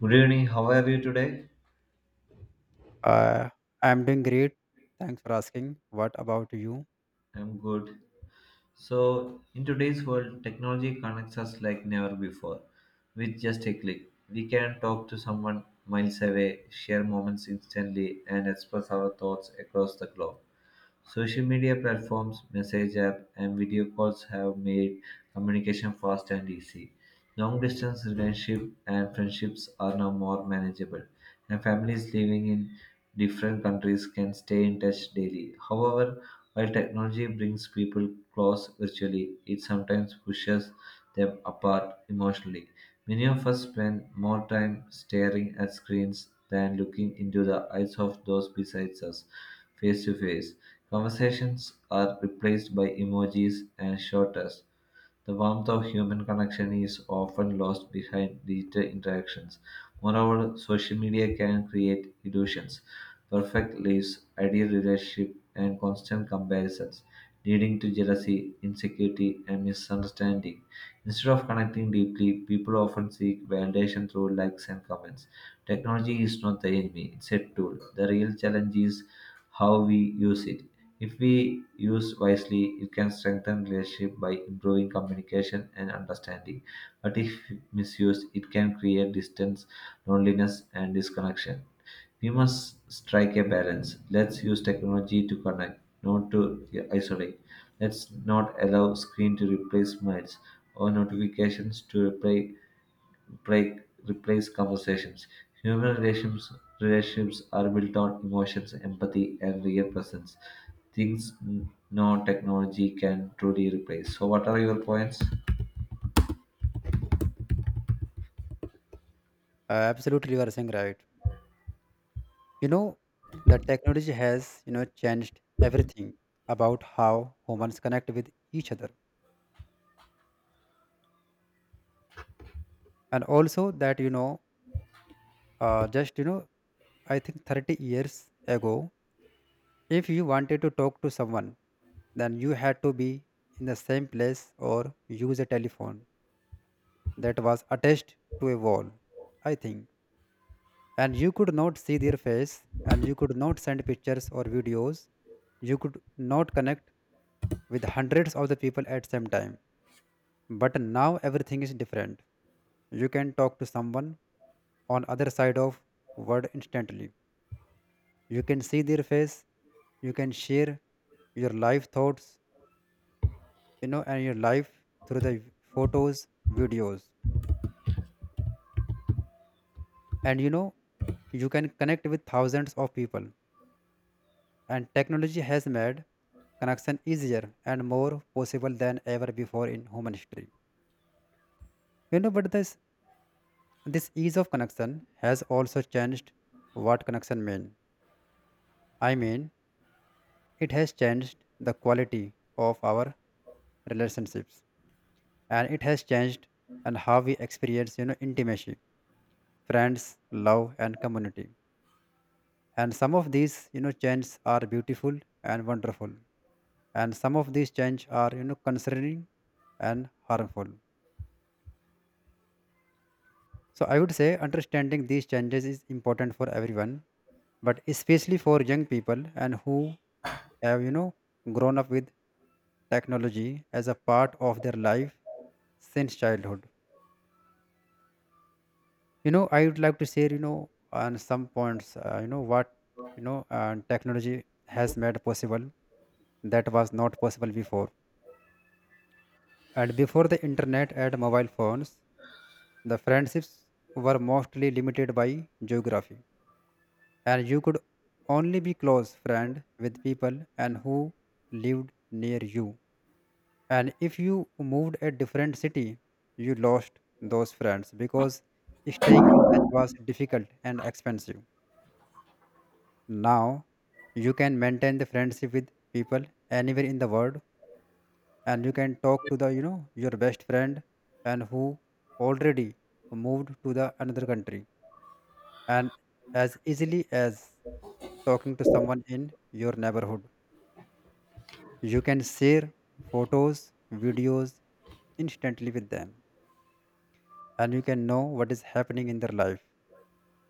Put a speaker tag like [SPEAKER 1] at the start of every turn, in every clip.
[SPEAKER 1] Good evening. How are you today?
[SPEAKER 2] Uh, I'm doing great. Thanks for asking. What about you?
[SPEAKER 1] I'm good. So, in today's world, technology connects us like never before. With just a click, we can talk to someone miles away, share moments instantly, and express our thoughts across the globe. Social media platforms, message app, and video calls have made communication fast and easy. Long-distance relationships and friendships are now more manageable, and families living in different countries can stay in touch daily. However, while technology brings people close virtually, it sometimes pushes them apart emotionally. Many of us spend more time staring at screens than looking into the eyes of those besides us face to face. Conversations are replaced by emojis and short texts, the warmth of human connection is often lost behind digital interactions. Moreover, social media can create illusions, perfect lives, ideal relationship, and constant comparisons, leading to jealousy, insecurity, and misunderstanding. Instead of connecting deeply, people often seek validation through likes and comments. Technology is not the enemy, it's a tool. The real challenge is how we use it. If we use wisely, it can strengthen relationship by improving communication and understanding. But if misused, it can create distance, loneliness, and disconnection. We must strike a balance. Let's use technology to connect, not to isolate. Let's not allow screen to replace smiles or notifications to replace break replace conversations. Human relationships, relationships are built on emotions, empathy, and real presence. Things no technology can truly replace. So, what are your points?
[SPEAKER 2] Absolutely, you are saying right. You know, the technology has, changed everything about how humans connect with each other. And also that, just, I think 30 years ago, if you wanted to talk to someone, then you had to be in the same place or use a telephone that was attached to a wall, I think. And you could not see their face, and you could not send pictures or videos. You could not connect with hundreds of the people at same time. But now everything is different. You can talk to someone on other side of world instantly. You can see their face. You can share your life thoughts, and your life through the photos, videos, and you can connect with thousands of people. And technology has made connection easier and more possible than ever before in human history. But this ease of connection has also changed what connection mean. I mean, it has changed the quality of our relationships, and it has changed and how we experience, intimacy, friends, love, and community. And some of these, changes are beautiful and wonderful, and some of these changes are, concerning and harmful. So I would say understanding these changes is important for everyone, but especially for young people and who have, grown up with technology as a part of their life since childhood. I would like to share, on some points, what, technology has made possible that was not possible before. And before the internet and mobile phones, the friendships were mostly limited by geography. And you could only be close friend with people and who lived near you. And if you moved a different city, you lost those friends because staying in touch was difficult and expensive. Now you can maintain the friendship with people anywhere in the world. And you can talk to the, your best friend and who already moved to the another country, and as easily as talking to someone in your neighborhood. You can share photos, videos instantly with them, and you can know what is happening in their life.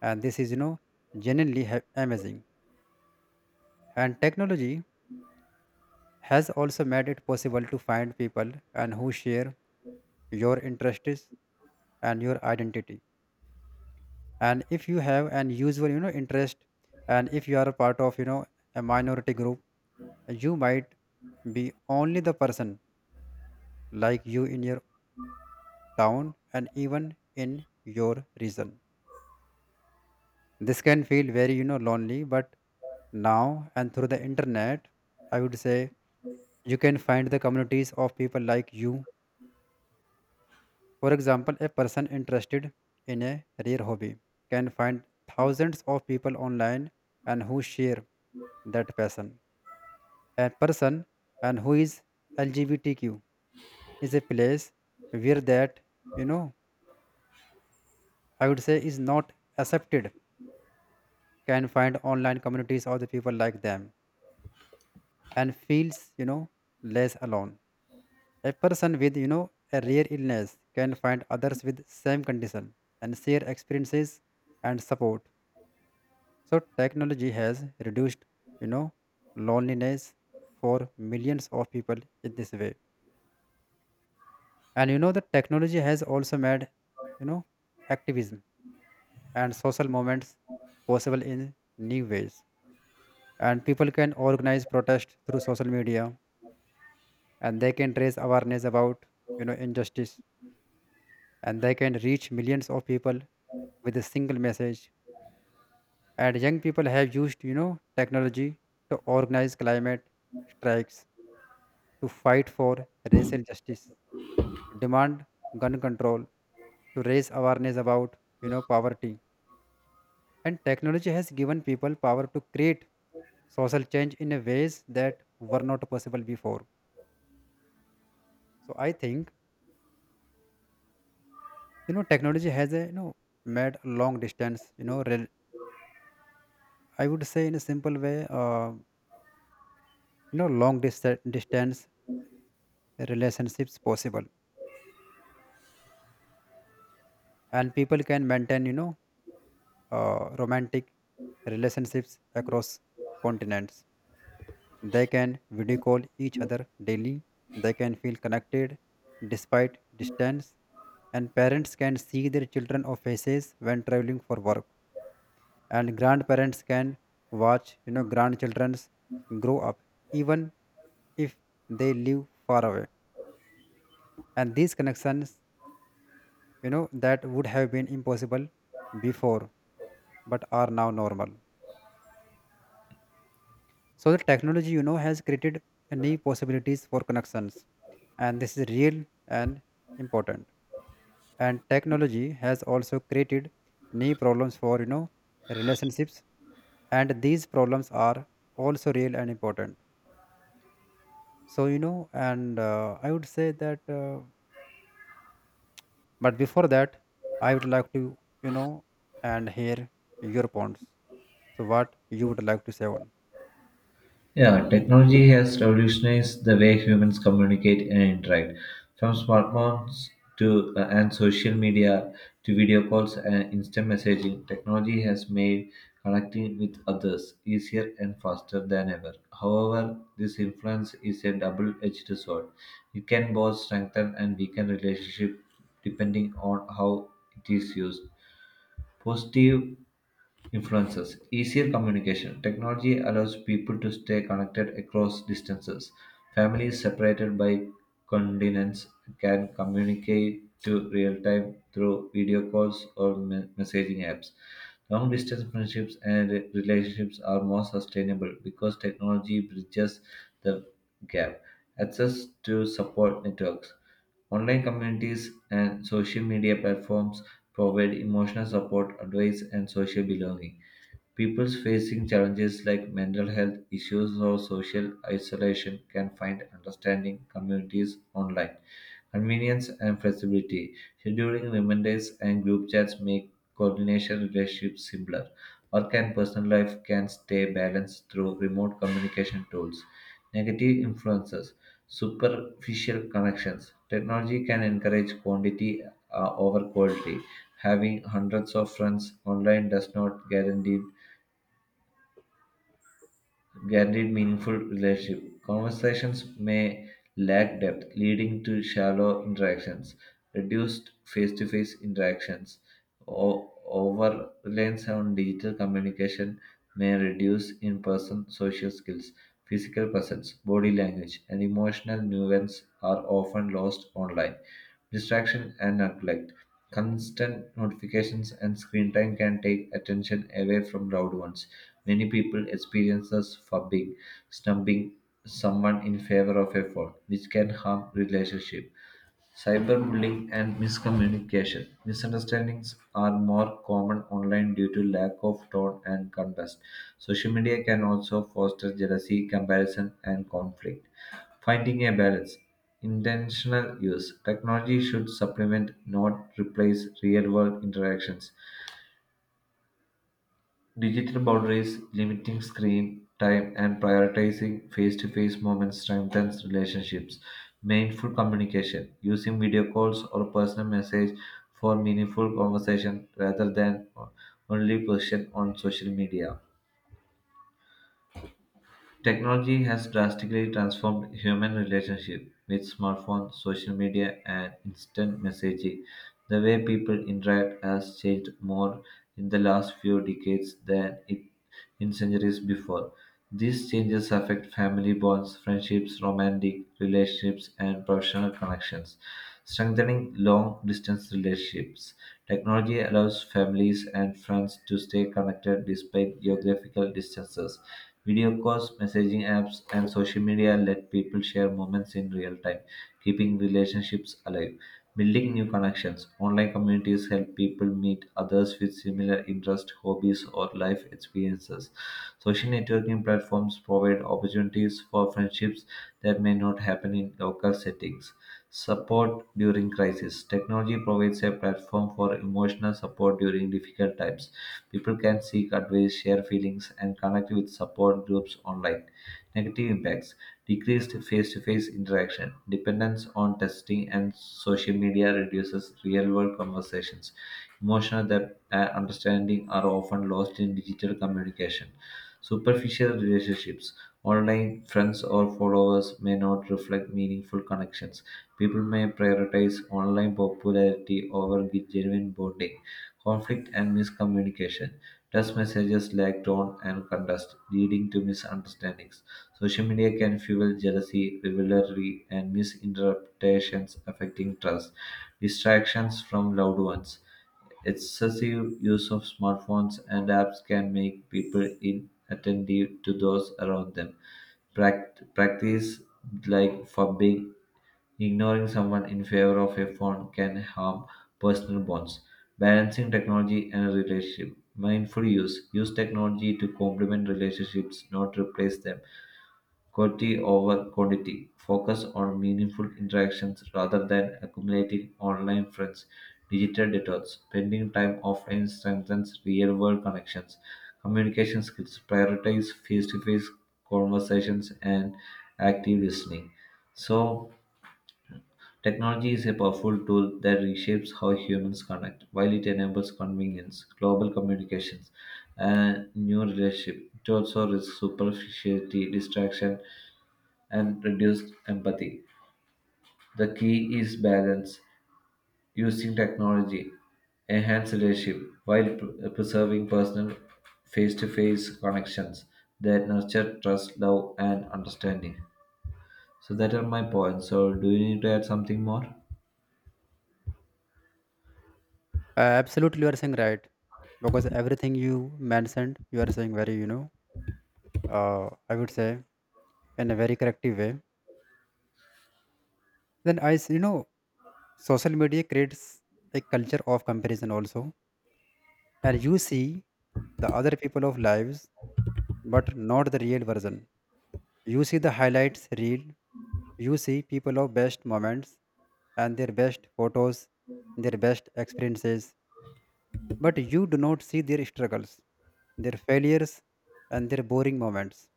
[SPEAKER 2] And this is, genuinely amazing. And technology has also made it possible to find people and who share your interests and your identity. And if you have an usual, interest, and if you are a part of, a minority group, you might be only the person like you in your town and even in your region. This can feel very, lonely, but now and through the internet, I would say you can find the communities of people like you. For example, a person interested in a rare hobby can find thousands of people online and who share that passion. A person and who is LGBTQ is a place where that, you know, I would say is not accepted, can find online communities of the people like them and feels, less alone. A person with, a rare illness can find others with same condition and share experiences and support. So technology has reduced, you know, loneliness for millions of people in this way. And the technology has also made, you know, activism and social movements possible in new ways. And people can organize protest through social media, and they can raise awareness about, injustice, and they can reach millions of people with a single message. And young people have used, technology to organize climate strikes, to fight for racial justice, to demand gun control, to raise awareness about, poverty. And technology has given people power to create social change in a ways that were not possible before. So I think, technology has a, made a long distance, I would say in a simple way, long distance relationships possible. And people can maintain, romantic relationships across continents. They can video call each other daily. They can feel connected despite distance. And parents can see their children of faces when traveling for work, and grandparents can watch, grandchildren's grow up even if they live far away. And these connections, that would have been impossible before but are now normal. So the technology, has created a new possibilities for connections, and this is real and important. And technology has also created new problems for, relationships, and these problems are also real and important. So, and I would say that, but before that I would like to, you know and hear your points. So what you would like to say on.
[SPEAKER 1] Yeah, technology has revolutionized the way humans communicate and interact. From smartphones to and social media to video calls and instant messaging, technology has made connecting with others easier and faster than ever. However, this influence is a double-edged sword. It can both strengthen and weaken relationship depending on how it is used. Positive influences. Easier communication. Technology allows people to stay connected across distances. Families separated by continents can communicate to real time through video calls or messaging apps. Long distance friendships and relationships are more sustainable because technology bridges the gap. Access to support networks. Online communities and social media platforms provide emotional support, advice, and social belonging. People facing challenges like mental health issues or social isolation can find understanding communities online. Convenience and flexibility. Scheduling reminders and group chats make coordination relationships simpler. Work and personal life can stay balanced through remote communication tools. Negative influences. Superficial connections. Technology can encourage quantity over quality. Having hundreds of friends online does not guaranteed meaningful relationship. Conversations may lack depth, leading to shallow interactions, reduced face-to-face interactions, over reliance on digital communication, may reduce in person social skills, physical presence, body language, and emotional nuance are often lost online. Distraction and neglect. Constant notifications and screen time can take attention away from loved ones. Many people experience this fubbing, snubbing someone in favor of a phone, which can harm relationship. Cyberbullying and miscommunication. Misunderstandings are more common online due to lack of tone and context. Social media can also foster jealousy, comparison, and conflict. Finding a balance. Intentional use. Technology should supplement, not replace, real world interactions. Digital boundaries, limiting screen time, and prioritizing face to face moments strengthens relationships. Mindful communication, using video calls or personal message for meaningful conversation rather than only posted on social media. Technology has drastically transformed human relationship with smartphones, social media, and instant messaging. The way people interact has changed more in the last few decades than it in centuries before. These changes affect family bonds, friendships, romantic relationships, and professional connections strengthening long distance relationships. Technology allows families and friends to stay connected despite geographical distances. Video calls, messaging apps, and social media let people share moments in real time, keeping relationships alive. Building new connections. Online communities help people meet others with similar interests, hobbies, or life experiences. Social networking platforms provide opportunities for friendships that may not happen in local settings. Support during crisis. Technology provides a platform for emotional support during difficult times. People can seek advice, share feelings, and connect with support groups online. Negative impacts. Decreased face-to-face interaction, dependence on testing, and social media reduces real-world conversations. Emotional depth and understanding are often lost in digital communication. Superficial relationships, online friends or followers, may not reflect meaningful connections. People may prioritize online popularity over genuine bonding. Conflict and miscommunication. Text messages lack tone and context, leading to misunderstandings. Social media can fuel jealousy, rivalry, and misinterpretations affecting trust. Distractions from loved ones. Excessive use of smartphones and apps can make people inattentive to those around them. Practice like fubbing, ignoring someone in favor of a phone can harm personal bonds. Balancing technology and relationship. Mindful use. Use technology to complement relationships, not replace them quality over quantity, focus on meaningful interactions rather than accumulating online friends, digital detox, spending time offline strengthens real world connections, communication skills, prioritize face to face conversations, and active listening. So, technology is a powerful tool that reshapes how humans connect while it enables convenience, global communications, and new relationship. It also risks superficiality, distraction, and reduced empathy. The key is balance, using technology, enhance relationship while preserving personal face-to-face connections that nurture trust, love, and understanding. So that are my points. So do you need to add something more?
[SPEAKER 2] Absolutely, you are saying right. Because everything you mentioned, you are saying very, I would say in a very corrective way. Then I, s- you know, social media creates a culture of comparison also, and you see the other people of lives, but not the real version. You see the highlights real. You see people of best moments and their best photos, their best experiences, but you do not see their struggles, their failures, and their boring moments,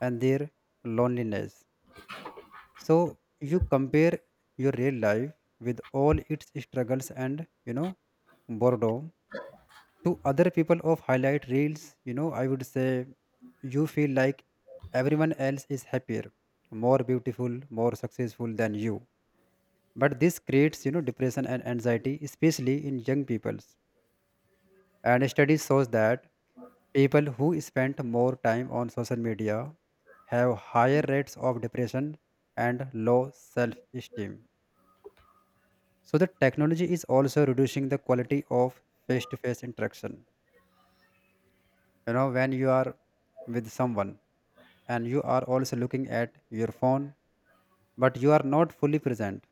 [SPEAKER 2] and their loneliness. So you compare your real life with all its struggles and, boredom, to other people of highlight reels. I would say you feel like everyone else is happier, more beautiful, more successful than you. But this creates, depression and anxiety, especially in young peoples. And studies shows that people who spend more time on social media have higher rates of depression and low self esteem. So, the technology is also reducing the quality of face to face interaction. When you are with someone and you are also looking at your phone, but you are not fully present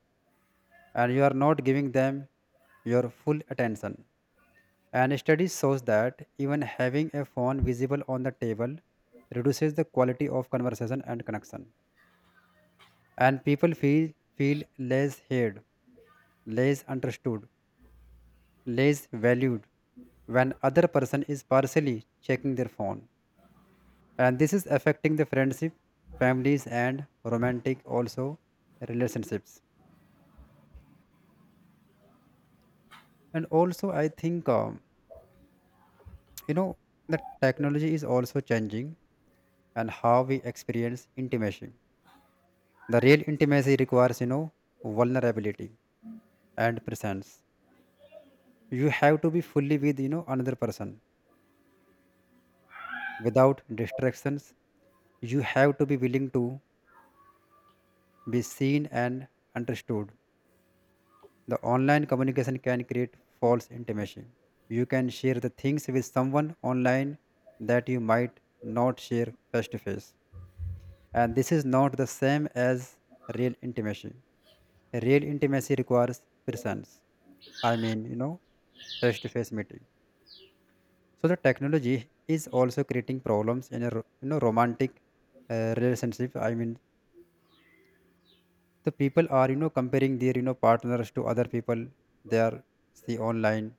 [SPEAKER 2] and you are not giving them your full attention. And study shows that even having a phone visible on the table reduces the quality of conversation and connection. And people feel less heard, less understood, less valued when other person is partially checking their phone. And this is affecting the friendship, families, and romantic also relationships. And also I think, you know the technology is also changing and how we experience intimacy. The real intimacy requires, vulnerability and presence. You have to be fully with, another person without distractions. You have to be willing to be seen and understood. The online communication can create false intimacy. You can share the things with someone online that you might not share face to face. And this is not the same as real intimacy. Real intimacy requires presence. I mean, face to face meeting. So the technology is also creating problems in a romantic relationship. I mean the people are, comparing their, partners to other people they are see online,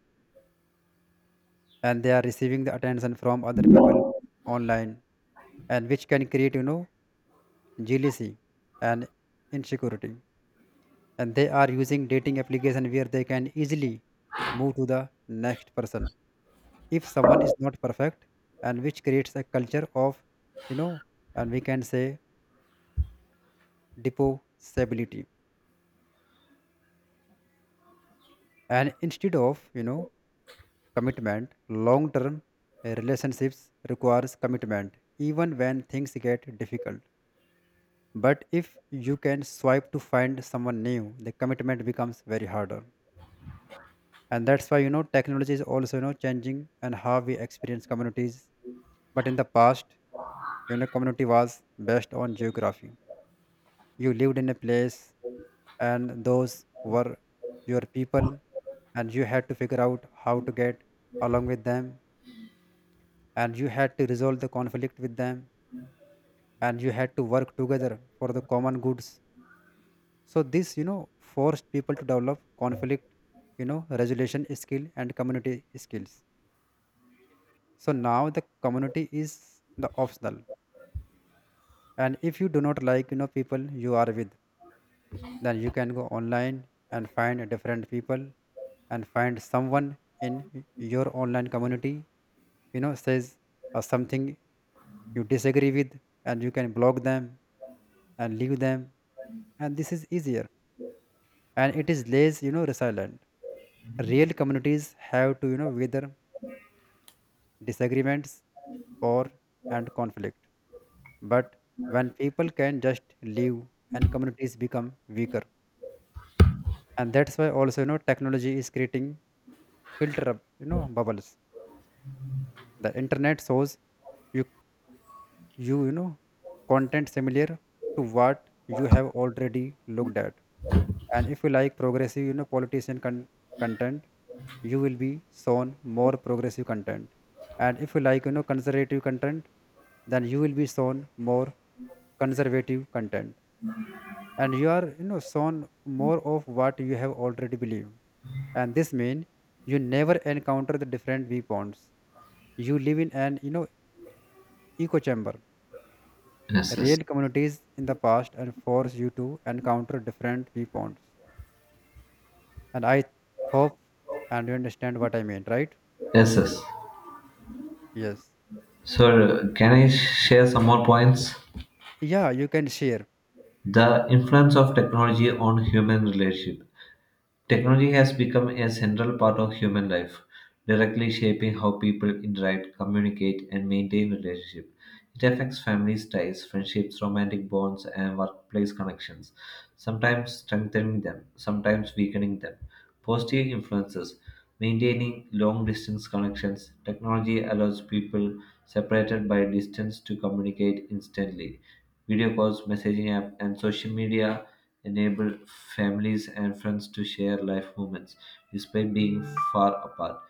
[SPEAKER 2] and they are receiving the attention from other people online, and which can create, jealousy and insecurity. And they are using dating application where they can easily move to the next person if someone is not perfect, and which creates a culture of, you know and we can say deposability, and instead of, commitment. Long term relationships requires commitment, even when things get difficult. But if you can swipe to find someone new, the commitment becomes very harder. And that's why, technology is also, changing and how we experience communities. But in the past, community was based on geography. You lived in a place, and those were your people, and you had to figure out how to get along with them, and you had to resolve the conflict with them, and you had to work together for the common goods. So this, forced people to develop conflict, resolution skill and community skills. So now the community is the optional, and if you do not like, people you are with, then you can go online and find different people. And find someone in your online community, says something you disagree with, and you can block them and leave them. And this is easier, and it is less, resilient. Real communities have to, weather disagreements or and conflict. But when people can just leave, and communities become weaker. And that's why also, technology is creating filter, bubbles. The internet shows you you, you know content similar to what you have already looked at. And if you like progressive, content, you will be shown more progressive content. And if you like, conservative content, then you will be shown more conservative content. And you are, shown more of what you have already believed. And this means you never encounter the different viewpoints. You live in an, echo chamber.
[SPEAKER 1] Yes, yes.
[SPEAKER 2] Real communities in the past and force you to encounter different viewpoints. And I hope and you understand what I mean, right?
[SPEAKER 1] Yes, yes.
[SPEAKER 2] Yes.
[SPEAKER 1] So can I share some more points?
[SPEAKER 2] Yeah, you can share.
[SPEAKER 1] The influence of technology on human relationship. Technology has become a central part of human life, directly shaping how people interact, communicate, and maintain relationships. It affects families' ties, friendships, romantic bonds, and workplace connections, sometimes strengthening them, sometimes weakening them. Positive influences maintaining long distance connections. Technology allows people separated by distance to communicate instantly. Video calls, messaging apps, and social media enable families and friends to share life moments despite being far apart.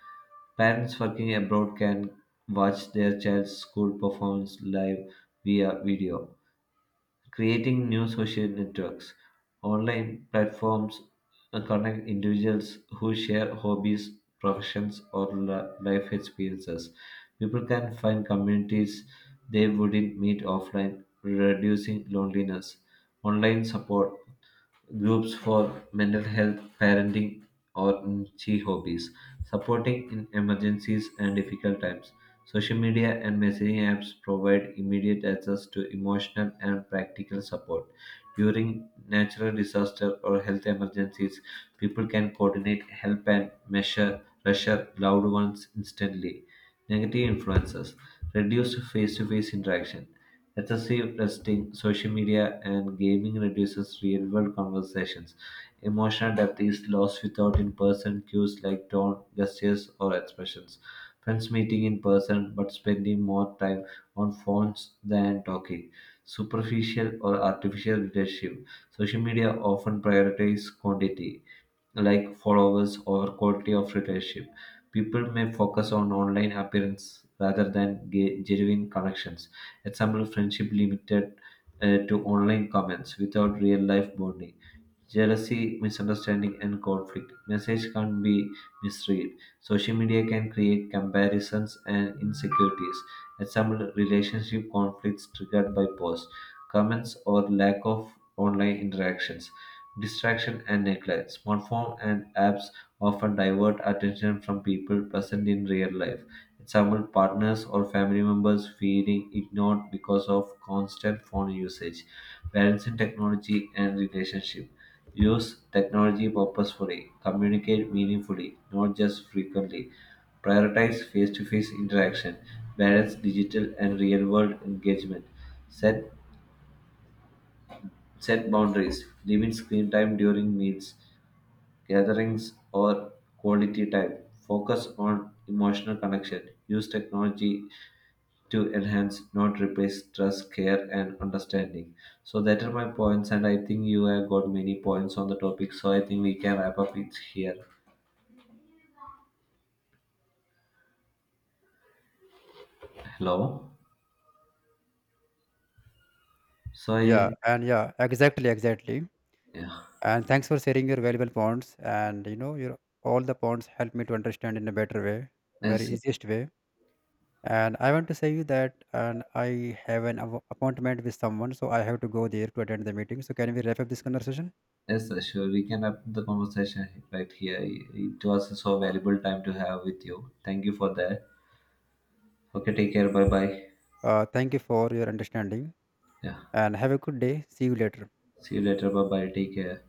[SPEAKER 1] Parents working abroad can watch their child's school performance live via video. Creating new social networks, online platforms connect individuals who share hobbies, professions, or life experiences. People can find communities they wouldn't meet offline, reducing loneliness. Online support groups for mental health, parenting, or niche hobbies, supporting in emergencies and difficult times. Social media and messaging apps provide immediate access to emotional and practical support. During natural disaster or health emergencies, people can coordinate help and measure pressure loved ones instantly. Negative influences reduced face to face interaction. Excessive testing, social media, and gaming reduces real world conversations. Emotional depth is lost without in person cues like tone, gestures, or expressions. Friends meeting in person but spending more time on phones than talking. Superficial or artificial relationship. Social media often prioritizes quantity like followers or quality of relationship. People may focus on online appearance rather than genuine connections. Example, friendship limited to online comments without real life bonding jealousy, misunderstanding, and conflict. Message can't be misread. Social media can create comparisons and insecurities. Example: relationship conflicts triggered by posts, comments, or lack of online interactions. Distraction and neglect. Smartphone and apps often divert attention from people present in real life. Example: partners or family members feeling ignored because of constant phone usage. Balance in technology and relationship. Use technology purposefully, communicate meaningfully, not just frequently. Prioritize face to face interaction, balance digital and real world engagement. Set, set boundaries, limit screen time during meals, gatherings, or quality time. Focus on emotional connection. Use technology to enhance, not replace, trust, care, and understanding. So that are my points, and I think you have got many points on the topic. So I think we can wrap up it here. Hello. So
[SPEAKER 2] Yeah.
[SPEAKER 1] I,
[SPEAKER 2] And yeah, exactly.
[SPEAKER 1] yeah,
[SPEAKER 2] And thanks for sharing your valuable points, and, your all the points help me to understand in a better way, very
[SPEAKER 1] yes,
[SPEAKER 2] easiest way. And I want to say you that, and I have an appointment with someone, so I have to go there to attend the meeting. So can we wrap up this conversation?
[SPEAKER 1] yes, sure. We can wrap the conversation right here. It was a so valuable time to have with you. Thank you for that. Okay, take care. Bye bye.
[SPEAKER 2] Thank you for your understanding,
[SPEAKER 1] Yeah.
[SPEAKER 2] and have a good day. See you later.
[SPEAKER 1] See you later. Bye bye. Take care.